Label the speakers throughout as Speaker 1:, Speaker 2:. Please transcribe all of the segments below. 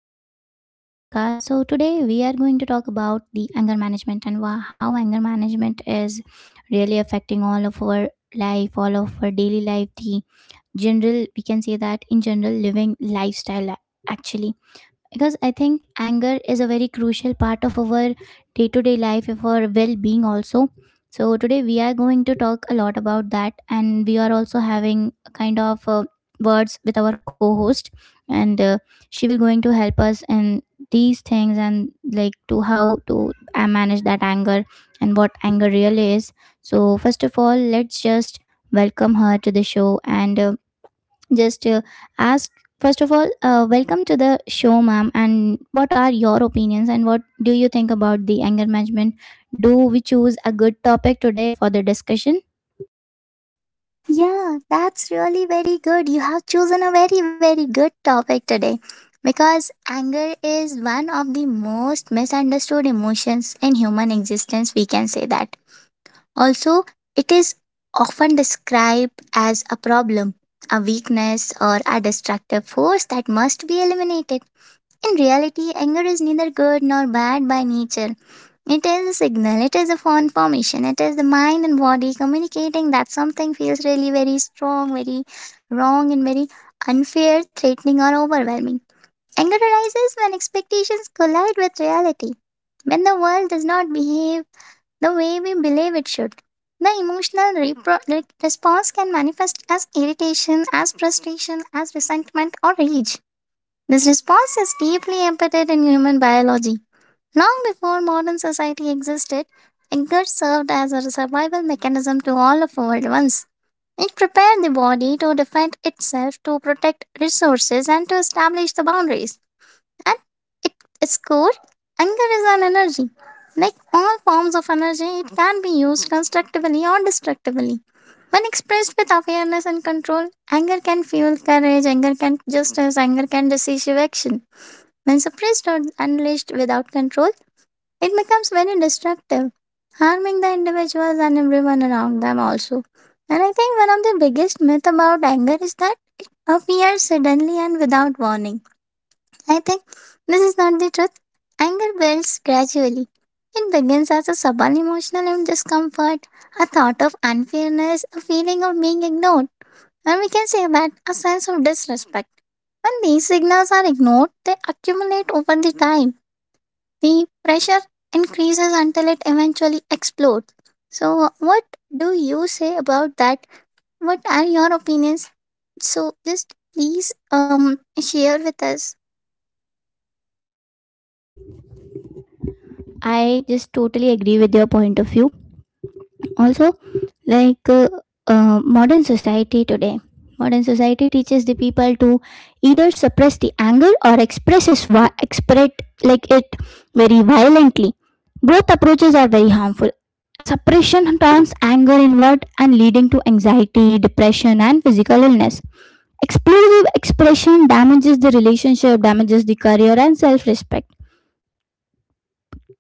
Speaker 1: welcome back to our podcast. So today we are going to talk about the anger management and how anger management is really affecting all of our life, all of our daily life, the general, we can say that in general living lifestyle actually, because I think anger is a very crucial part of our day to day life, of our well being also. So today we are going to talk a lot about that, and we are also having a kind of words with our co-host, and she will going to help us in these things and like to how to manage that anger and what anger really is. So first of all, let's just welcome her to the show and just ask first of all, welcome to the show, ma'am. And what are your opinions and what do you think about the anger management? Do we choose a good topic today for the discussion?
Speaker 2: Yeah, that's really very good. You have chosen a very, very good topic today because anger is one of the most misunderstood emotions in human existence. We can say that. Also, it is often described as a problem, a weakness, or a destructive force that must be eliminated. In reality, anger is neither good nor bad by nature. It is a signal, it is a phone formation, it is the mind and body communicating that something feels really very strong, very wrong, and very unfair, threatening, or overwhelming. Anger arises when expectations collide with reality, when the world does not behave the way we believe it should. The emotional response can manifest as irritation, as frustration, as resentment, or rage. This response is deeply embedded in human biology. Long before modern society existed, anger served as a survival mechanism to all of our ones. It prepared the body to defend itself, to protect resources, and to establish the boundaries. At its core, anger is an energy. Like all forms of energy, it can be used constructively or destructively. When expressed with awareness and control, anger can fuel courage, anger can justice, anger can decisive action. When suppressed or unleashed without control, it becomes very destructive, harming the individuals and everyone around them also. And I think one of the biggest myth about anger is that it appears suddenly and without warning. I think this is not the truth. Anger builds gradually. It begins as a subtle emotional discomfort, a thought of unfairness, a feeling of being ignored, and we can say that a sense of disrespect. When these signals are ignored, they accumulate over the time the pressure increases until it eventually explodes. So, what do you say about that? What are your opinions? So, just please share with us.
Speaker 1: I just totally agree with your point of view. Also, like uh, modern society today, modern society teaches the people to either suppress the anger or express it, express like it very violently. Both approaches are very harmful. Suppression turns anger inward and leading to anxiety, depression and physical illness. Explosive expression damages the relationship, damages the career and self-respect.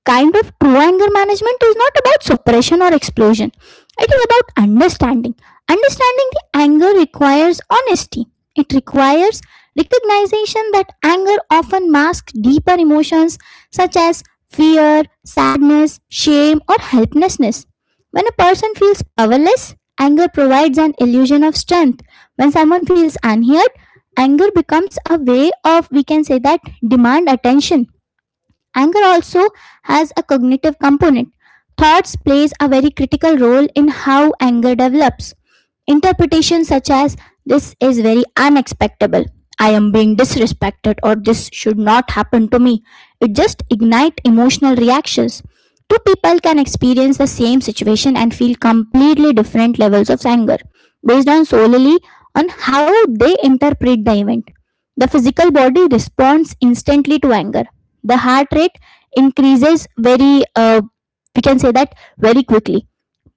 Speaker 1: Kind of true anger management is not about suppression or explosion. It is about understanding. Understanding the anger requires honesty. It requires recognition that anger often masks deeper emotions such as fear, sadness, shame, or helplessness. When a person feels powerless, anger provides an illusion of strength. When someone feels unheard, anger becomes a way of, we can say that, demand attention. Anger also has a cognitive component. Thoughts plays a very critical role in how anger develops. Interpretations such as this is very unexpectable, I am being disrespected, or this should not happen to me. It just ignite emotional reactions. Two people can experience the same situation and feel completely different levels of anger based on solely on how they interpret the event. The physical body responds instantly to anger. The heart rate increases very we can say that very quickly,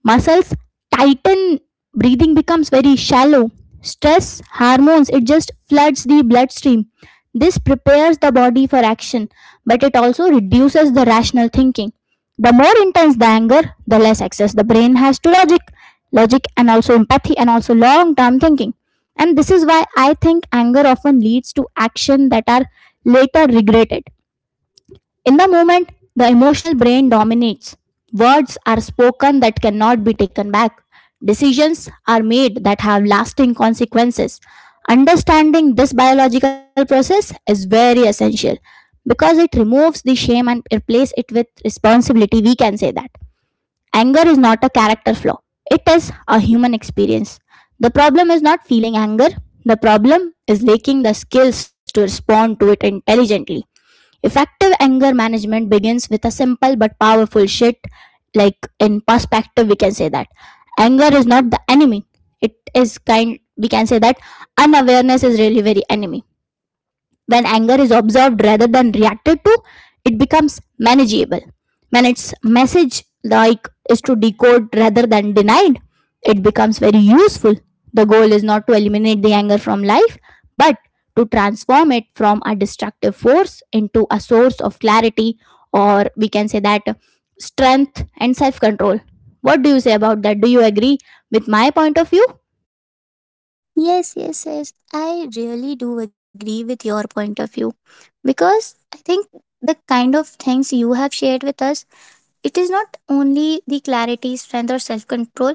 Speaker 1: muscles tighten, breathing becomes very shallow, stress hormones it just floods the bloodstream. This prepares the body for action, but it also reduces the rational thinking. The more intense the anger, the less access the brain has to logic, logic and also empathy and also long term thinking. And this is why I think anger often leads to action that are later regretted. In the moment, the emotional brain dominates. Words are spoken that cannot be taken back. Decisions are made that have lasting consequences. Understanding this biological process is very essential because it removes the shame and replaces it with responsibility. We can say that. Anger is not a character flaw, it is a human experience. The problem is not feeling anger, the problem is lacking the skills to respond to it intelligently. Effective anger management begins with a simple but powerful shift. Like in perspective, we can say that anger is not the enemy. It is kind. We can say that unawareness is really very enemy. When anger is observed rather than reacted to, it becomes manageable. When its message like is to decode rather than denied, it becomes very useful. The goal is not to eliminate the anger from life, but to transform it from a destructive force into a source of clarity, or we can say that strength and self control. What do you say about that? Do you agree with my point of view?
Speaker 2: Yes, yes, yes. I really do agree with your point of view because I think the kind of things you have shared with us, it is not only the clarity, strength, or self control.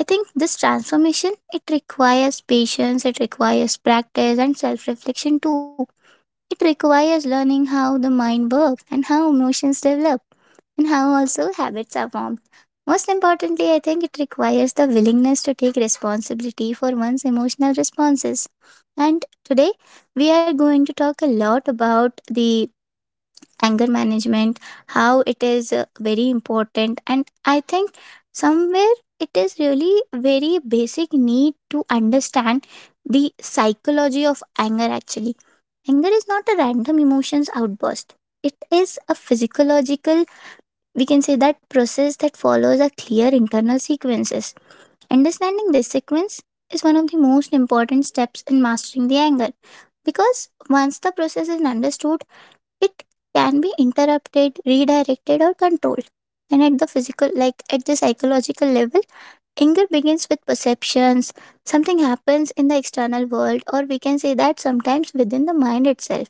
Speaker 2: I think this transformation it requires patience, it requires practice and self reflection too. It requires learning how the mind works and how emotions develop and how also habits are formed. Most importantly, I think it requires the willingness to take responsibility for one's emotional responses. And today, we are going to talk a lot about the anger management, how it is very important, and I think somewhere it is really very basic need to understand the psychology of anger actually. Anger is not a random emotions outburst. It is a physiological, we can say that process that follows a clear internal sequences. Understanding this sequence is one of the most important steps in mastering the anger because once the process is understood, it can be interrupted, redirected or controlled. And at the physical like at the psychological level, anger begins with perceptions, something happens in the external world or we can say that sometimes within the mind itself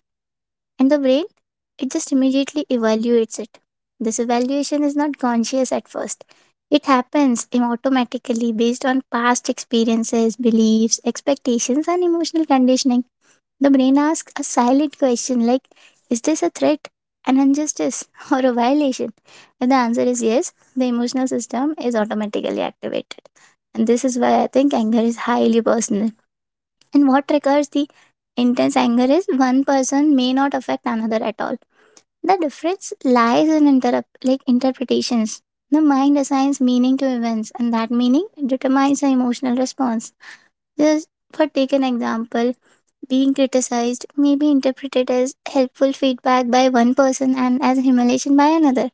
Speaker 2: and the brain, it just immediately evaluates it. This evaluation is not conscious at first. It happens automatically based on past experiences, beliefs, expectations, and emotional conditioning. The brain asks a silent question like, is this a threat, an injustice, or a violation? If the answer is yes, the emotional system is automatically activated. And this is why I think anger is highly personal and what triggers the intense anger is one person may not affect another at all. The difference lies in interrupt like interpretations. The mind assigns meaning to events, and that meaning determines the emotional response. Just for take an example, being criticized may be interpreted as helpful feedback by one person and as humiliation by another.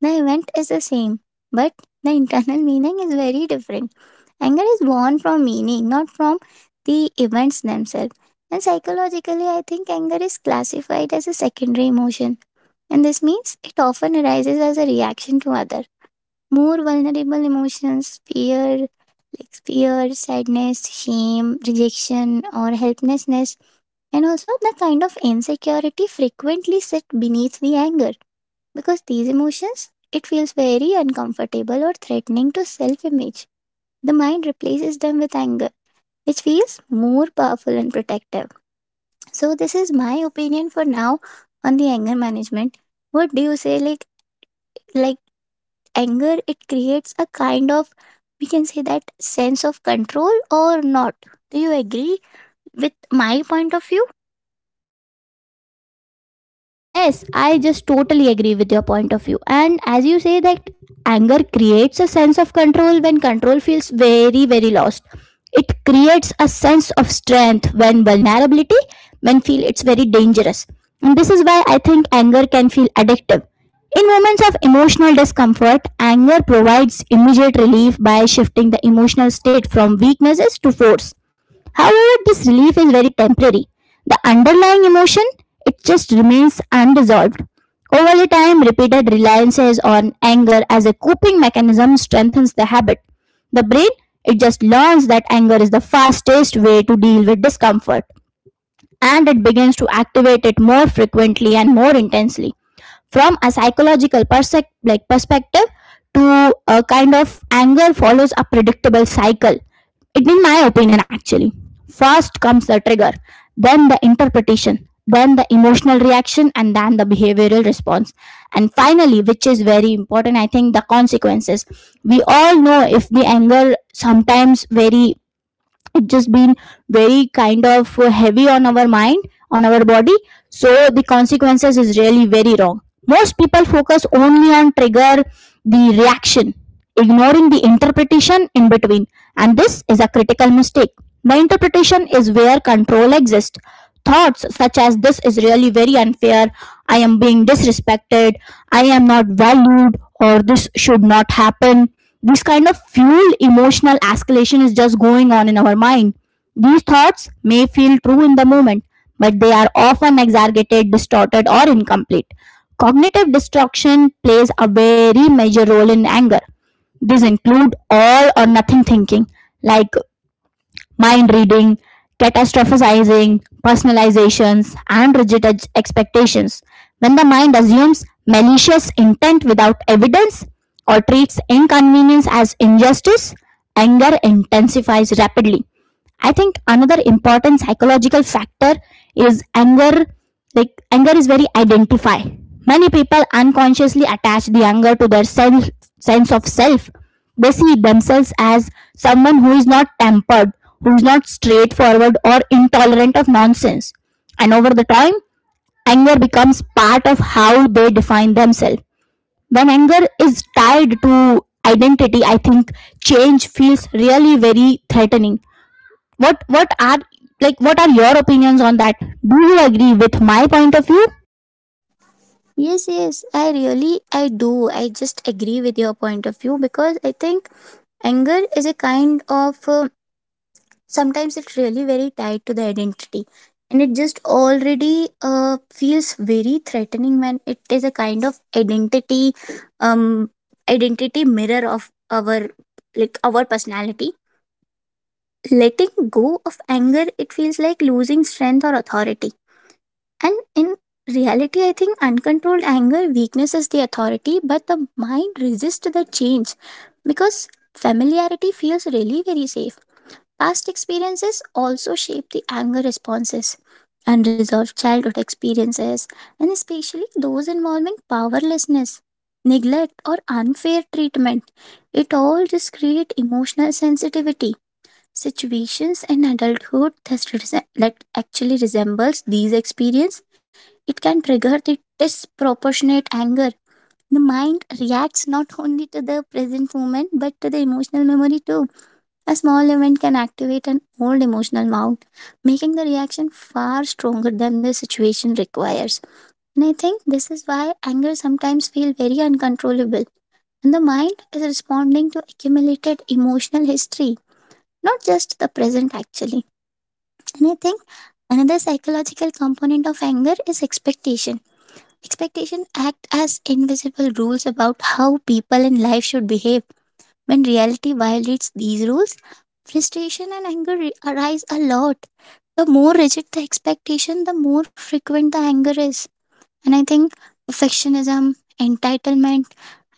Speaker 2: The event is the same, but the internal meaning is very different. Anger is born from meaning, not from the events themselves. And psychologically, I think anger is classified as a secondary emotion. And this means it often arises as a reaction to other. More vulnerable emotions, fear, sadness, shame, rejection, or helplessness, and also the kind of insecurity frequently sit beneath the anger because these emotions it feels very uncomfortable or threatening to self image. The mind replaces them with anger which feels more powerful and protective. So this is my opinion for now on the anger management. What do you say? Like anger, it creates a kind of we can say that sense of control or not. Do you agree with my point of view?
Speaker 1: Yes, I just totally agree with your point of view. And as you say, that anger creates a sense of control when control feels very, very lost. It creates a sense of strength when vulnerability, when feel it's very dangerous. And this is why I think anger can feel addictive. In moments of emotional discomfort, anger provides immediate relief by shifting the emotional state from weaknesses to force. However, this relief is very temporary. The underlying emotion, it just remains unresolved. Over the time, repeated reliances on anger as a coping mechanism strengthens the habit. The brain, it just learns that anger is the fastest way to deal with discomfort, and it begins to activate it more frequently and more intensely. From a psychological perspective, to a kind of anger follows a predictable cycle, it in my opinion actually. First comes the trigger, then the interpretation, then the emotional reaction, and then the behavioral response, and finally, which is very important I think, the consequences. We all know if the anger sometimes very, it just been very kind of heavy on our mind, on our body, so the consequences is really very wrong. Most people focus only on trigger, the reaction, ignoring the interpretation in between, and this is a critical mistake. The interpretation is where control exists. Thoughts such as this is really very unfair, I am being disrespected, I am not valued, or this should not happen, this kind of fuel emotional escalation is just going on in our mind. These thoughts may feel true in the moment, but they are often exaggerated, distorted, or incomplete. Cognitive distortion plays a very major role in anger. These include all or nothing thinking, like mind reading, catastrophizing, personalizations, and rigid expectations. When the mind assumes malicious intent without evidence or treats inconvenience as injustice, anger intensifies rapidly. I think another important psychological factor is anger. Like anger is very identify. Many people unconsciously attach the anger to their sense of self. They see themselves as someone who is not tempered, who is not straightforward or intolerant of nonsense. And over the time, anger becomes part of how they define themselves. When anger is tied to identity, I think change feels really very threatening. What what are like what are your opinions on that? Do you agree with my point of view?
Speaker 2: Yes, yes, I really, I do. I just agree with your point of view because I think anger is a kind of sometimes it's really very tied to the identity and it just already feels very threatening when it is a kind of identity, um identity mirror of our like our personality, letting go of anger it feels like losing strength or authority. And in reality I think uncontrolled anger weaknesses the authority but the mind resists the change because familiarity feels really very safe. Past experiences also shape the anger responses. Unresolved childhood experiences, and especially those involving powerlessness, neglect, or unfair treatment, it all just create emotional sensitivity. Situations in adulthood that, that actually resembles these experience, it can trigger the disproportionate anger. The mind reacts not only to the present moment but to the emotional memory too, a small event can activate an old emotional mount, making the reaction far stronger than the situation requires. And I think this is why anger sometimes feels very uncontrollable. And the mind is responding to accumulated emotional history, not just the present actually. And I think another psychological component of anger is expectation. Expectation act as invisible rules about how people in life should behave, when reality violates these rules, frustration and anger arise a lot. The more rigid the expectation, the more frequent the anger is. And I think perfectionism, entitlement,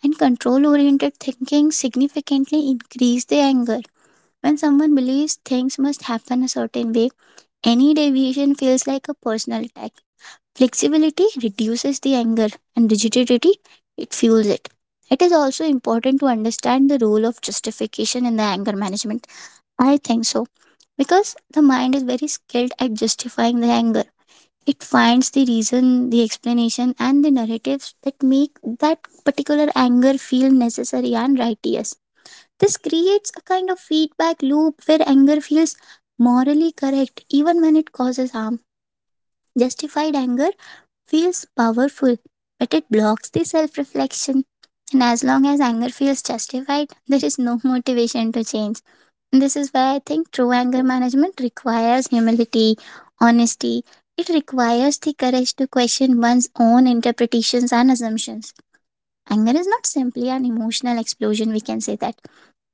Speaker 2: and control oriented thinking significantly increase the anger. When someone believes things must happen a certain way, any deviation feels like a personal attack. Flexibility reduces the anger, and rigidity it fuels it. It is also important to understand the role of justification in the anger management. I think so because the mind is very skilled at justifying the anger. It finds the reason, the explanation, and the narratives that make that particular anger feel necessary and righteous. This creates a kind of feedback loop where anger feels morally correct even when it causes harm. Justified anger feels powerful, but it blocks the self reflection. And as long as anger feels justified, there is no motivation to change. And this is why I think true anger management requires humility, honesty. It requires the courage to question one's own interpretations and assumptions. Anger is not simply an emotional explosion, we can say that.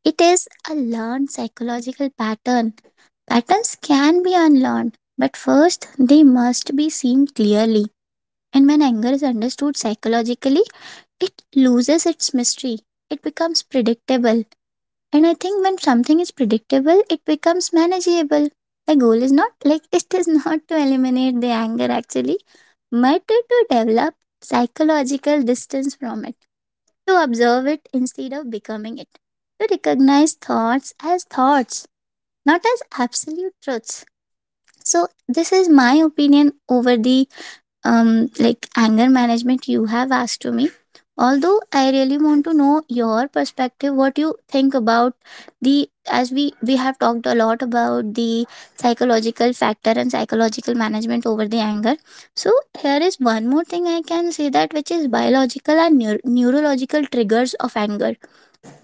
Speaker 2: It is a learned psychological pattern. Patterns can be unlearned, but first they must be seen clearly. And when anger is understood psychologically, it loses its mystery. It becomes predictable. And I think when something is predictable, it becomes manageable. The goal is not like it is not to eliminate the anger actually, but to develop psychological distance from it, to observe it instead of becoming it, to recognize thoughts as thoughts, not as absolute truths. So, this is my opinion over the like anger management you have asked to me. Although I really want to know your perspective, what you think about the as we have talked a lot about the psychological factor and psychological management over the anger. So here is one more thing I can say that which is biological and neurological triggers of anger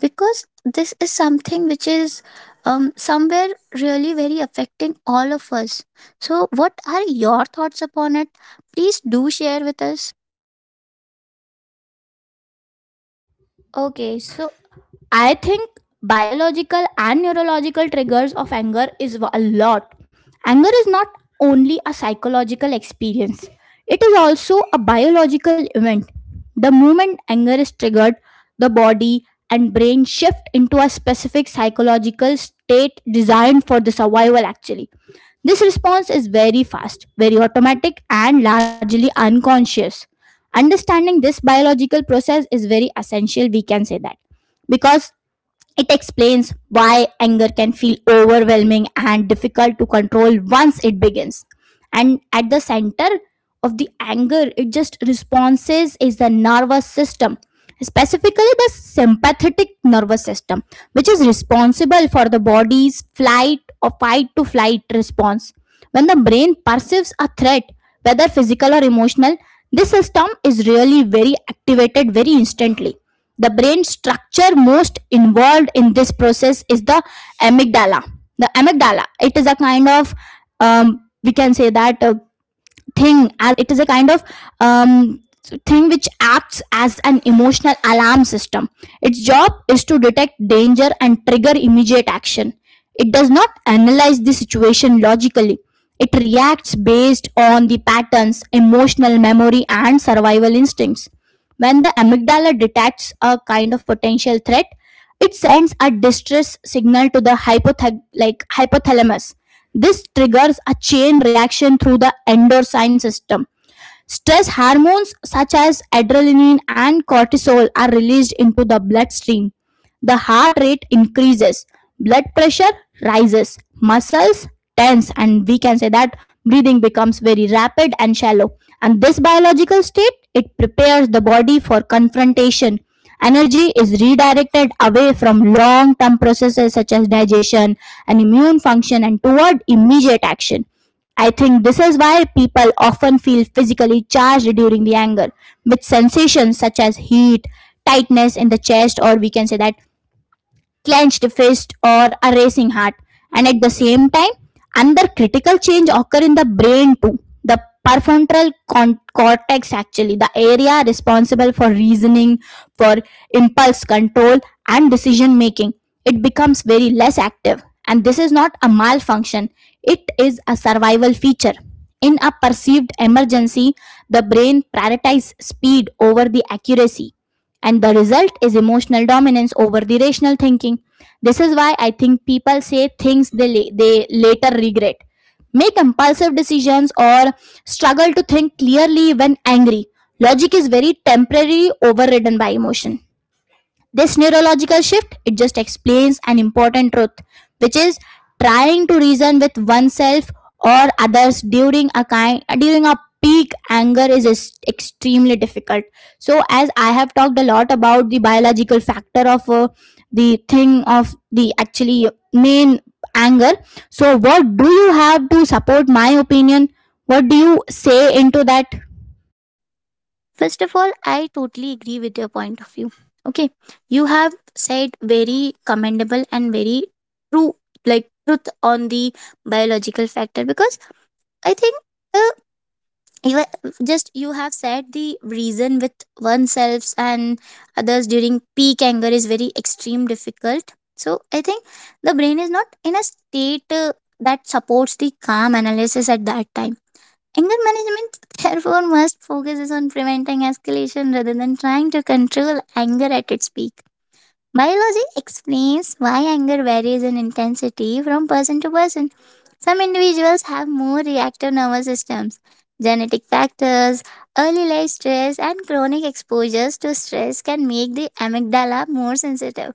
Speaker 2: because this is something which is somewhere really very affecting all of us. So, what are your thoughts upon it? Please do share with us.
Speaker 1: Okay, so I think biological and neurological triggers of anger is a lot. Anger is not only a psychological experience, it is also a biological event. The moment anger is triggered, the body and brain shift into a specific psychological state designed for the survival actually. This response is very fast, very automatic, and largely unconscious. Understanding this biological process is very essential, we can say that. Because it explains why anger can feel overwhelming and difficult to control once it begins. And at the center of the anger, it just responses is the nervous system, specifically the sympathetic nervous system, which is responsible for the body's flight or fight to flight response. When the brain perceives a threat, whether physical or emotional, this system is really very activated very instantly. The brain structure most involved in this process is the amygdala. The amygdala, it is a kind of, we can say that thing, as it is a kind of um, thing which acts as an emotional alarm system. Its job is to detect danger and trigger immediate action. It does not analyze the situation logically. It reacts based on the patterns, emotional memory, and survival instincts. When the amygdala detects a kind of potential threat, it sends a distress signal to the like hypothalamus. This triggers a chain reaction through the endocrine system. Stress hormones such as adrenaline and cortisol are released into the bloodstream. The heart rate increases, blood pressure rises, muscles tense, and we can say that breathing becomes very rapid and shallow. And this biological state it prepares the body for confrontation. Energy is redirected away from long term processes such as digestion and immune function and toward immediate action. I think this is why people often feel physically charged during the anger, with sensations such as heat, tightness in the chest, or we can say that clenched fist or a racing heart. And at the same time another critical change occur in the brain too. The cortex, actually the area responsible for reasoning, for impulse control and decision making, it becomes very less active. And this is not a malfunction, it is a survival feature. In a perceived emergency, the brain prioritizes speed over the accuracy, and the result is emotional dominance over the rational thinking. This is why I think people say things they later regret, make impulsive decisions, or struggle to think clearly when angry. Logic is very temporarily overridden by emotion. This neurological shift it just explains an important truth, which is trying to reason with oneself or others during a peak anger is extremely difficult. So as I have talked a lot about the biological factor of the thing of the actually main anger. So what do you have to support my opinion? What do you say into that?
Speaker 2: First of all, I totally agree with your point of view. Okay, you have said very commendable and very true, like truth on the biological factor because I think the just you have said the reason with oneself and others during peak anger is very extreme difficult. So I think the brain is not in a state that supports the calm analysis at that time. Anger management therefore must focuses on preventing escalation rather than trying to control anger at its peak. Biology explains why anger varies in intensity from person to person, some individuals have more reactive nervous systems. Genetic factors, early life stress, and chronic exposures to stress can make the amygdala more sensitive.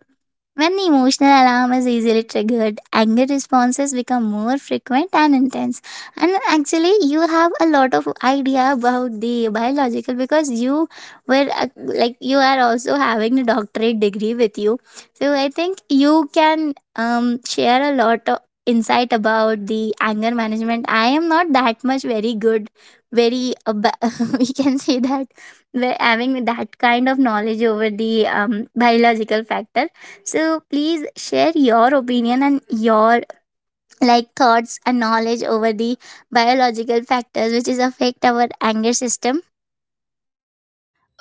Speaker 2: When the emotional alarm is easily triggered, anger responses become more frequent and intense. And actually, you have a lot of idea about the biological because you were like you are also having a doctorate degree with you. So I think you can share a lot of insight about the anger management. I am not that much very good, very we can say that we're having that kind of knowledge over the biological factor, so please share your opinion and your like thoughts and knowledge over the biological factors which is affect our anger system.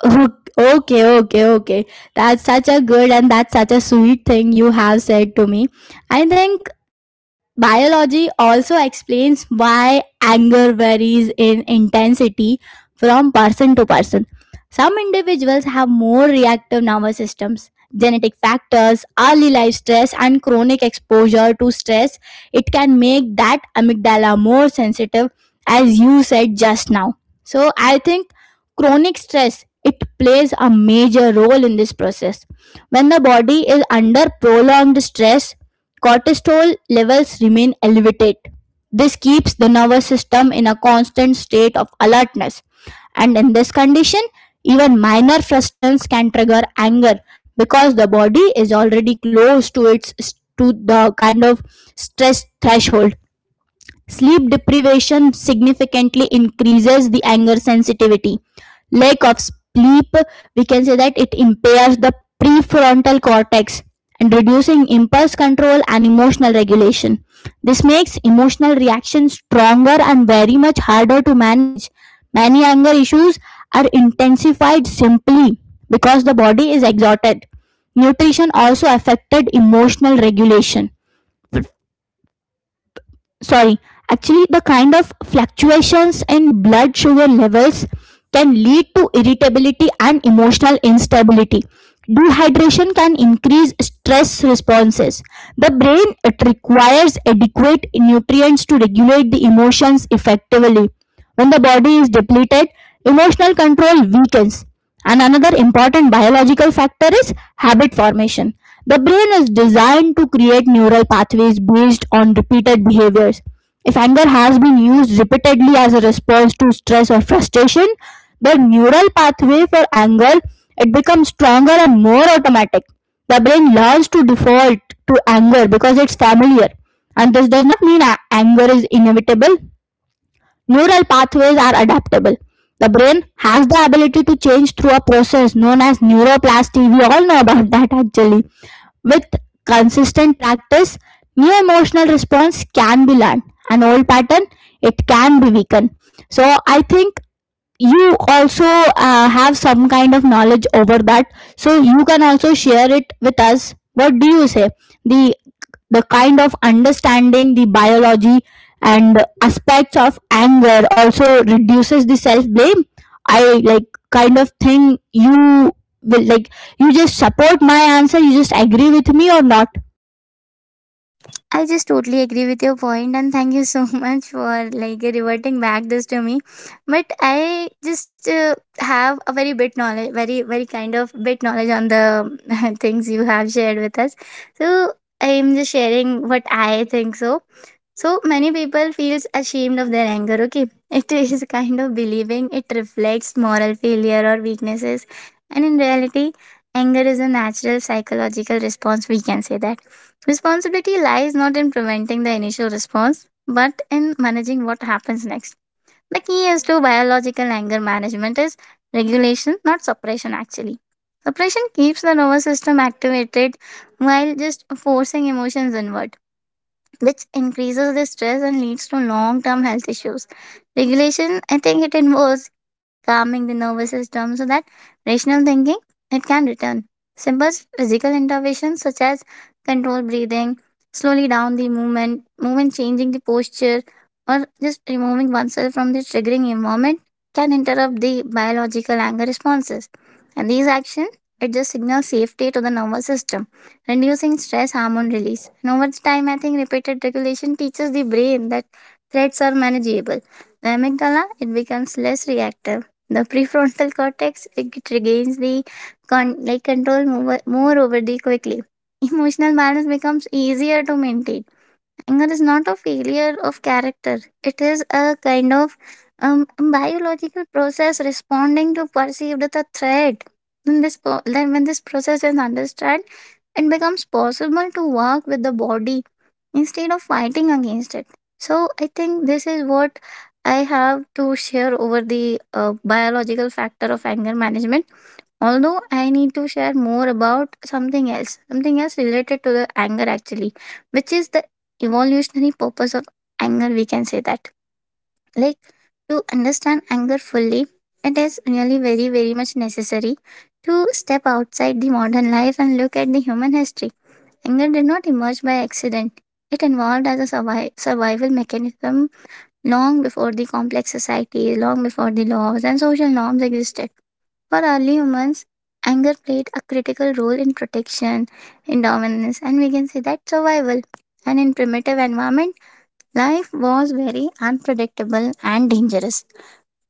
Speaker 1: Oh, okay, okay, okay. That's such a good and that's such a sweet thing you have said to me. I think biology also explains why anger varies in intensity from person to person. Some individuals have more reactive nervous systems. Genetic factors, early life stress, and chronic exposure to stress, it can make that amygdala more sensitive, as you said just now. So, I think chronic stress it plays a major role in this process. When the body is under prolonged stress, cortisol levels remain elevated. This keeps the nervous system in a constant state of alertness. And in this condition, even minor frustrations can trigger anger because the body is already close to its to the kind of stress threshold. Sleep deprivation significantly increases the anger sensitivity. Lack of sleep, we can say that it impairs the prefrontal cortex and reducing impulse control and emotional regulation. This makes emotional reactions stronger and very much harder to manage. Many anger issues are intensified simply because the body is exhausted. Nutrition also affected emotional regulation, sorry, actually the kind of fluctuations in blood sugar levels can lead to irritability and emotional instability. Dehydration can increase stress responses. The brain it requires adequate nutrients to regulate the emotions effectively. When the body is depleted, emotional control weakens. And another important biological factor is habit formation. The brain is designed to create neural pathways based on repeated behaviors. If anger has been used repeatedly as a response to stress or frustration, the neural pathway for anger it becomes stronger and more automatic. The brain learns to default to anger because it's familiar. And this does not mean anger is inevitable. Neural pathways are adaptable. The brain has the ability to change through a process known as neuroplasticity. We all know about that actually. With consistent practice, new emotional response can be learned. An old pattern, it can be weakened. So I think you also have some kind of knowledge over that. So you can also share it with us. What do you say? The the kind of understanding the biology and aspects of anger also reduces the self blame, I like kind of thing. You will like, you just support my answer, you just agree with me or not?
Speaker 2: I just totally agree with your point, and thank you so much for like reverting back this to me. But I just have a very bit knowledge, very kind of bit knowledge on the things you have shared with us. So I am just sharing what I think so. So many people feels ashamed of their anger, okay? It is kind of believing it reflects moral failure or weaknesses. And in reality, anger is a natural psychological response, we can say that. Responsibility lies not in preventing the initial response, but in managing what happens next. The key is to biological anger management is regulation, not suppression actually. Suppression keeps the nervous system activated while just forcing emotions inward, which increases the stress and leads to long term health issues. Regulation, I think, it involves calming the nervous system so that rational thinking it can return. Simple physical interventions such as controlled breathing, slowly down the movement, movement changing the posture, or just removing oneself from the triggering environment can interrupt the biological anger responses. And these actions it just signals safety to the nervous system, reducing stress hormone release. And over the time, I think repeated regulation teaches the brain that threats are manageable. The amygdala, it becomes less reactive. The prefrontal cortex, it regains the like control more over the quickly. Emotional balance becomes easier to maintain. Anger is not a failure of character. It is a kind of biological process responding to perceived the threat. Then then when this process is understood, it becomes possible to work with the body instead of fighting against it. So I think this is what I have to share over the biological factor of anger management. Although I need to share more about something else related to the anger actually, which is the evolutionary purpose of anger, we can say that. Like to understand anger fully, it is really very, very much necessary to step outside the modern life and look at the human history. Anger did not emerge by accident. It evolved as a survival mechanism long before the complex society, long before the laws and social norms existed. For early humans, anger played a critical role in protection, in dominance, and we can say that survival. And in primitive environment, life was very unpredictable and dangerous.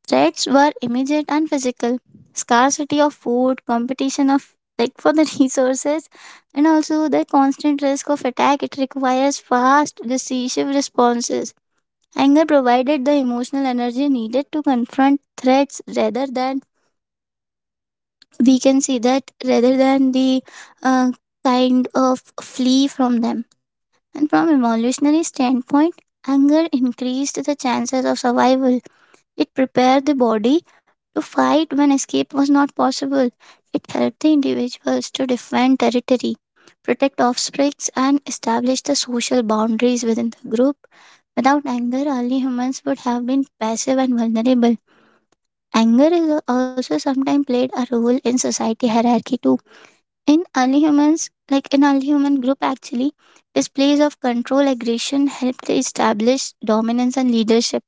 Speaker 2: Threats were immediate and physical. Scarcity of food, competition of like for the resources, and also the constant risk of attack. It requires fast, decisive responses. Anger provided the emotional energy needed to confront threats rather than, we can see that, rather than the uh, kind of flee from them. And from evolutionary standpoint, anger increased the chances of survival, it prepared the body to fight when escape was not possible. It helped the individuals to defend territory, protect offspring, and establish the social boundaries within the group. Without anger, early humans would have been passive and vulnerable. Anger is also sometimes played a role in society hierarchy too. In early humans, like in early human group actually, displays of control aggression helped to establish dominance and leadership.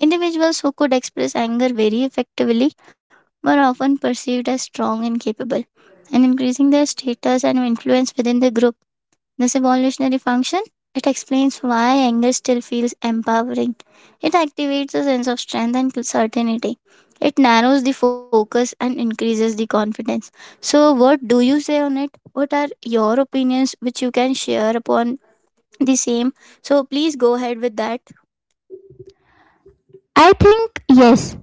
Speaker 2: Individuals who could express anger very effectively were often perceived as strong and capable, and increasing their status and influence within the group. This evolutionary function it explains why anger still feels empowering. It activates a sense of strength and certainty. It narrows the focus and increases the confidence. So, what do you say on it? What are your opinions which you can share upon the same? So, please go ahead with that.
Speaker 1: I think yes,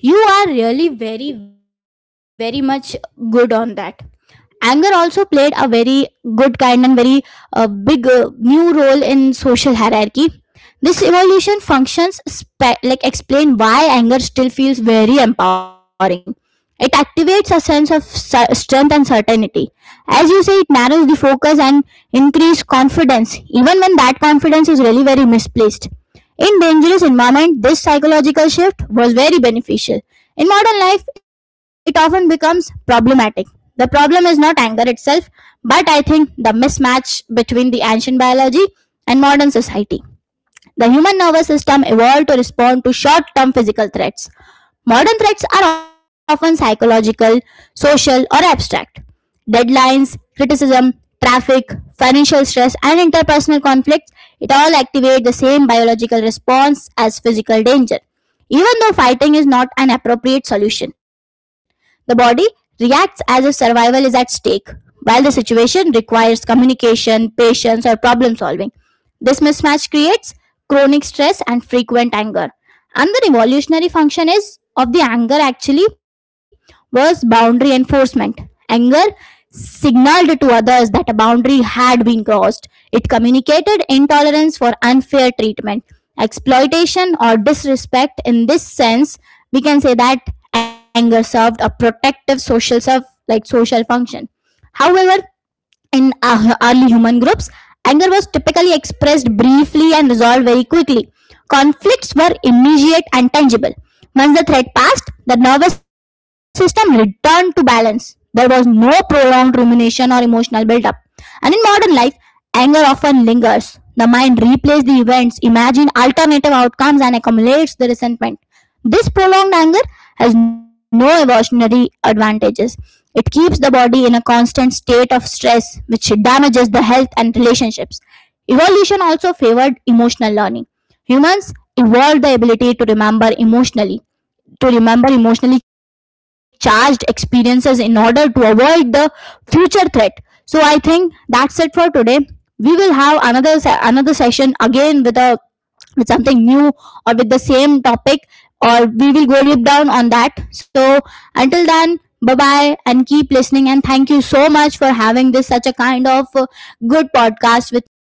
Speaker 1: you are really very, very much good on that. Anger also played a very good kind and very big new role in social hierarchy. This evolution functions like explain why anger still feels very empowering. It activates a sense of strength and certainty. As you say, it narrows the focus and increase confidence even when that confidence is really very misplaced. In dangerous environment, this psychological shift was very beneficial. In modern life, it often becomes problematic. The problem is not anger itself, but I think the mismatch between the ancient biology and modern society. The human nervous system evolved to respond to short term physical threats. Modern threats are often psychological, social, or abstract. Deadlines, criticism, traffic, financial stress, and interpersonal conflicts, it all activate the same biological response as physical danger. Even though fighting is not an appropriate solution, the body reacts as if survival is at stake, while the situation requires communication, patience, or problem solving. This mismatch creates chronic stress and frequent anger. And the revolutionary function is of the anger actually was boundary enforcement. Anger signaled to others that a boundary had been crossed. It communicated intolerance for unfair treatment. Exploitation or disrespect in this sense, we can say that anger served a protective social serve like social function. However, in early human groups, anger was typically expressed briefly and resolved very quickly. Conflicts were immediate and tangible. Once the threat passed, the nervous system returned to balance. There was no prolonged rumination or emotional buildup. And in modern life, anger often lingers. The mind replays the events, imagines alternative outcomes, and accumulates the resentment. This prolonged anger has no evolutionary advantages. It keeps the body in a constant state of stress, which damages the health and relationships. Evolution also favored emotional learning. Humans evolved the ability to remember emotionally charged experiences in order to avoid the future threat. So I think that's it for today. We will have another another session again with a with something new or with the same topic, or we will go deep down on that. So until then, bye bye, and keep listening, and thank you so much for having this such a kind of good podcast with me.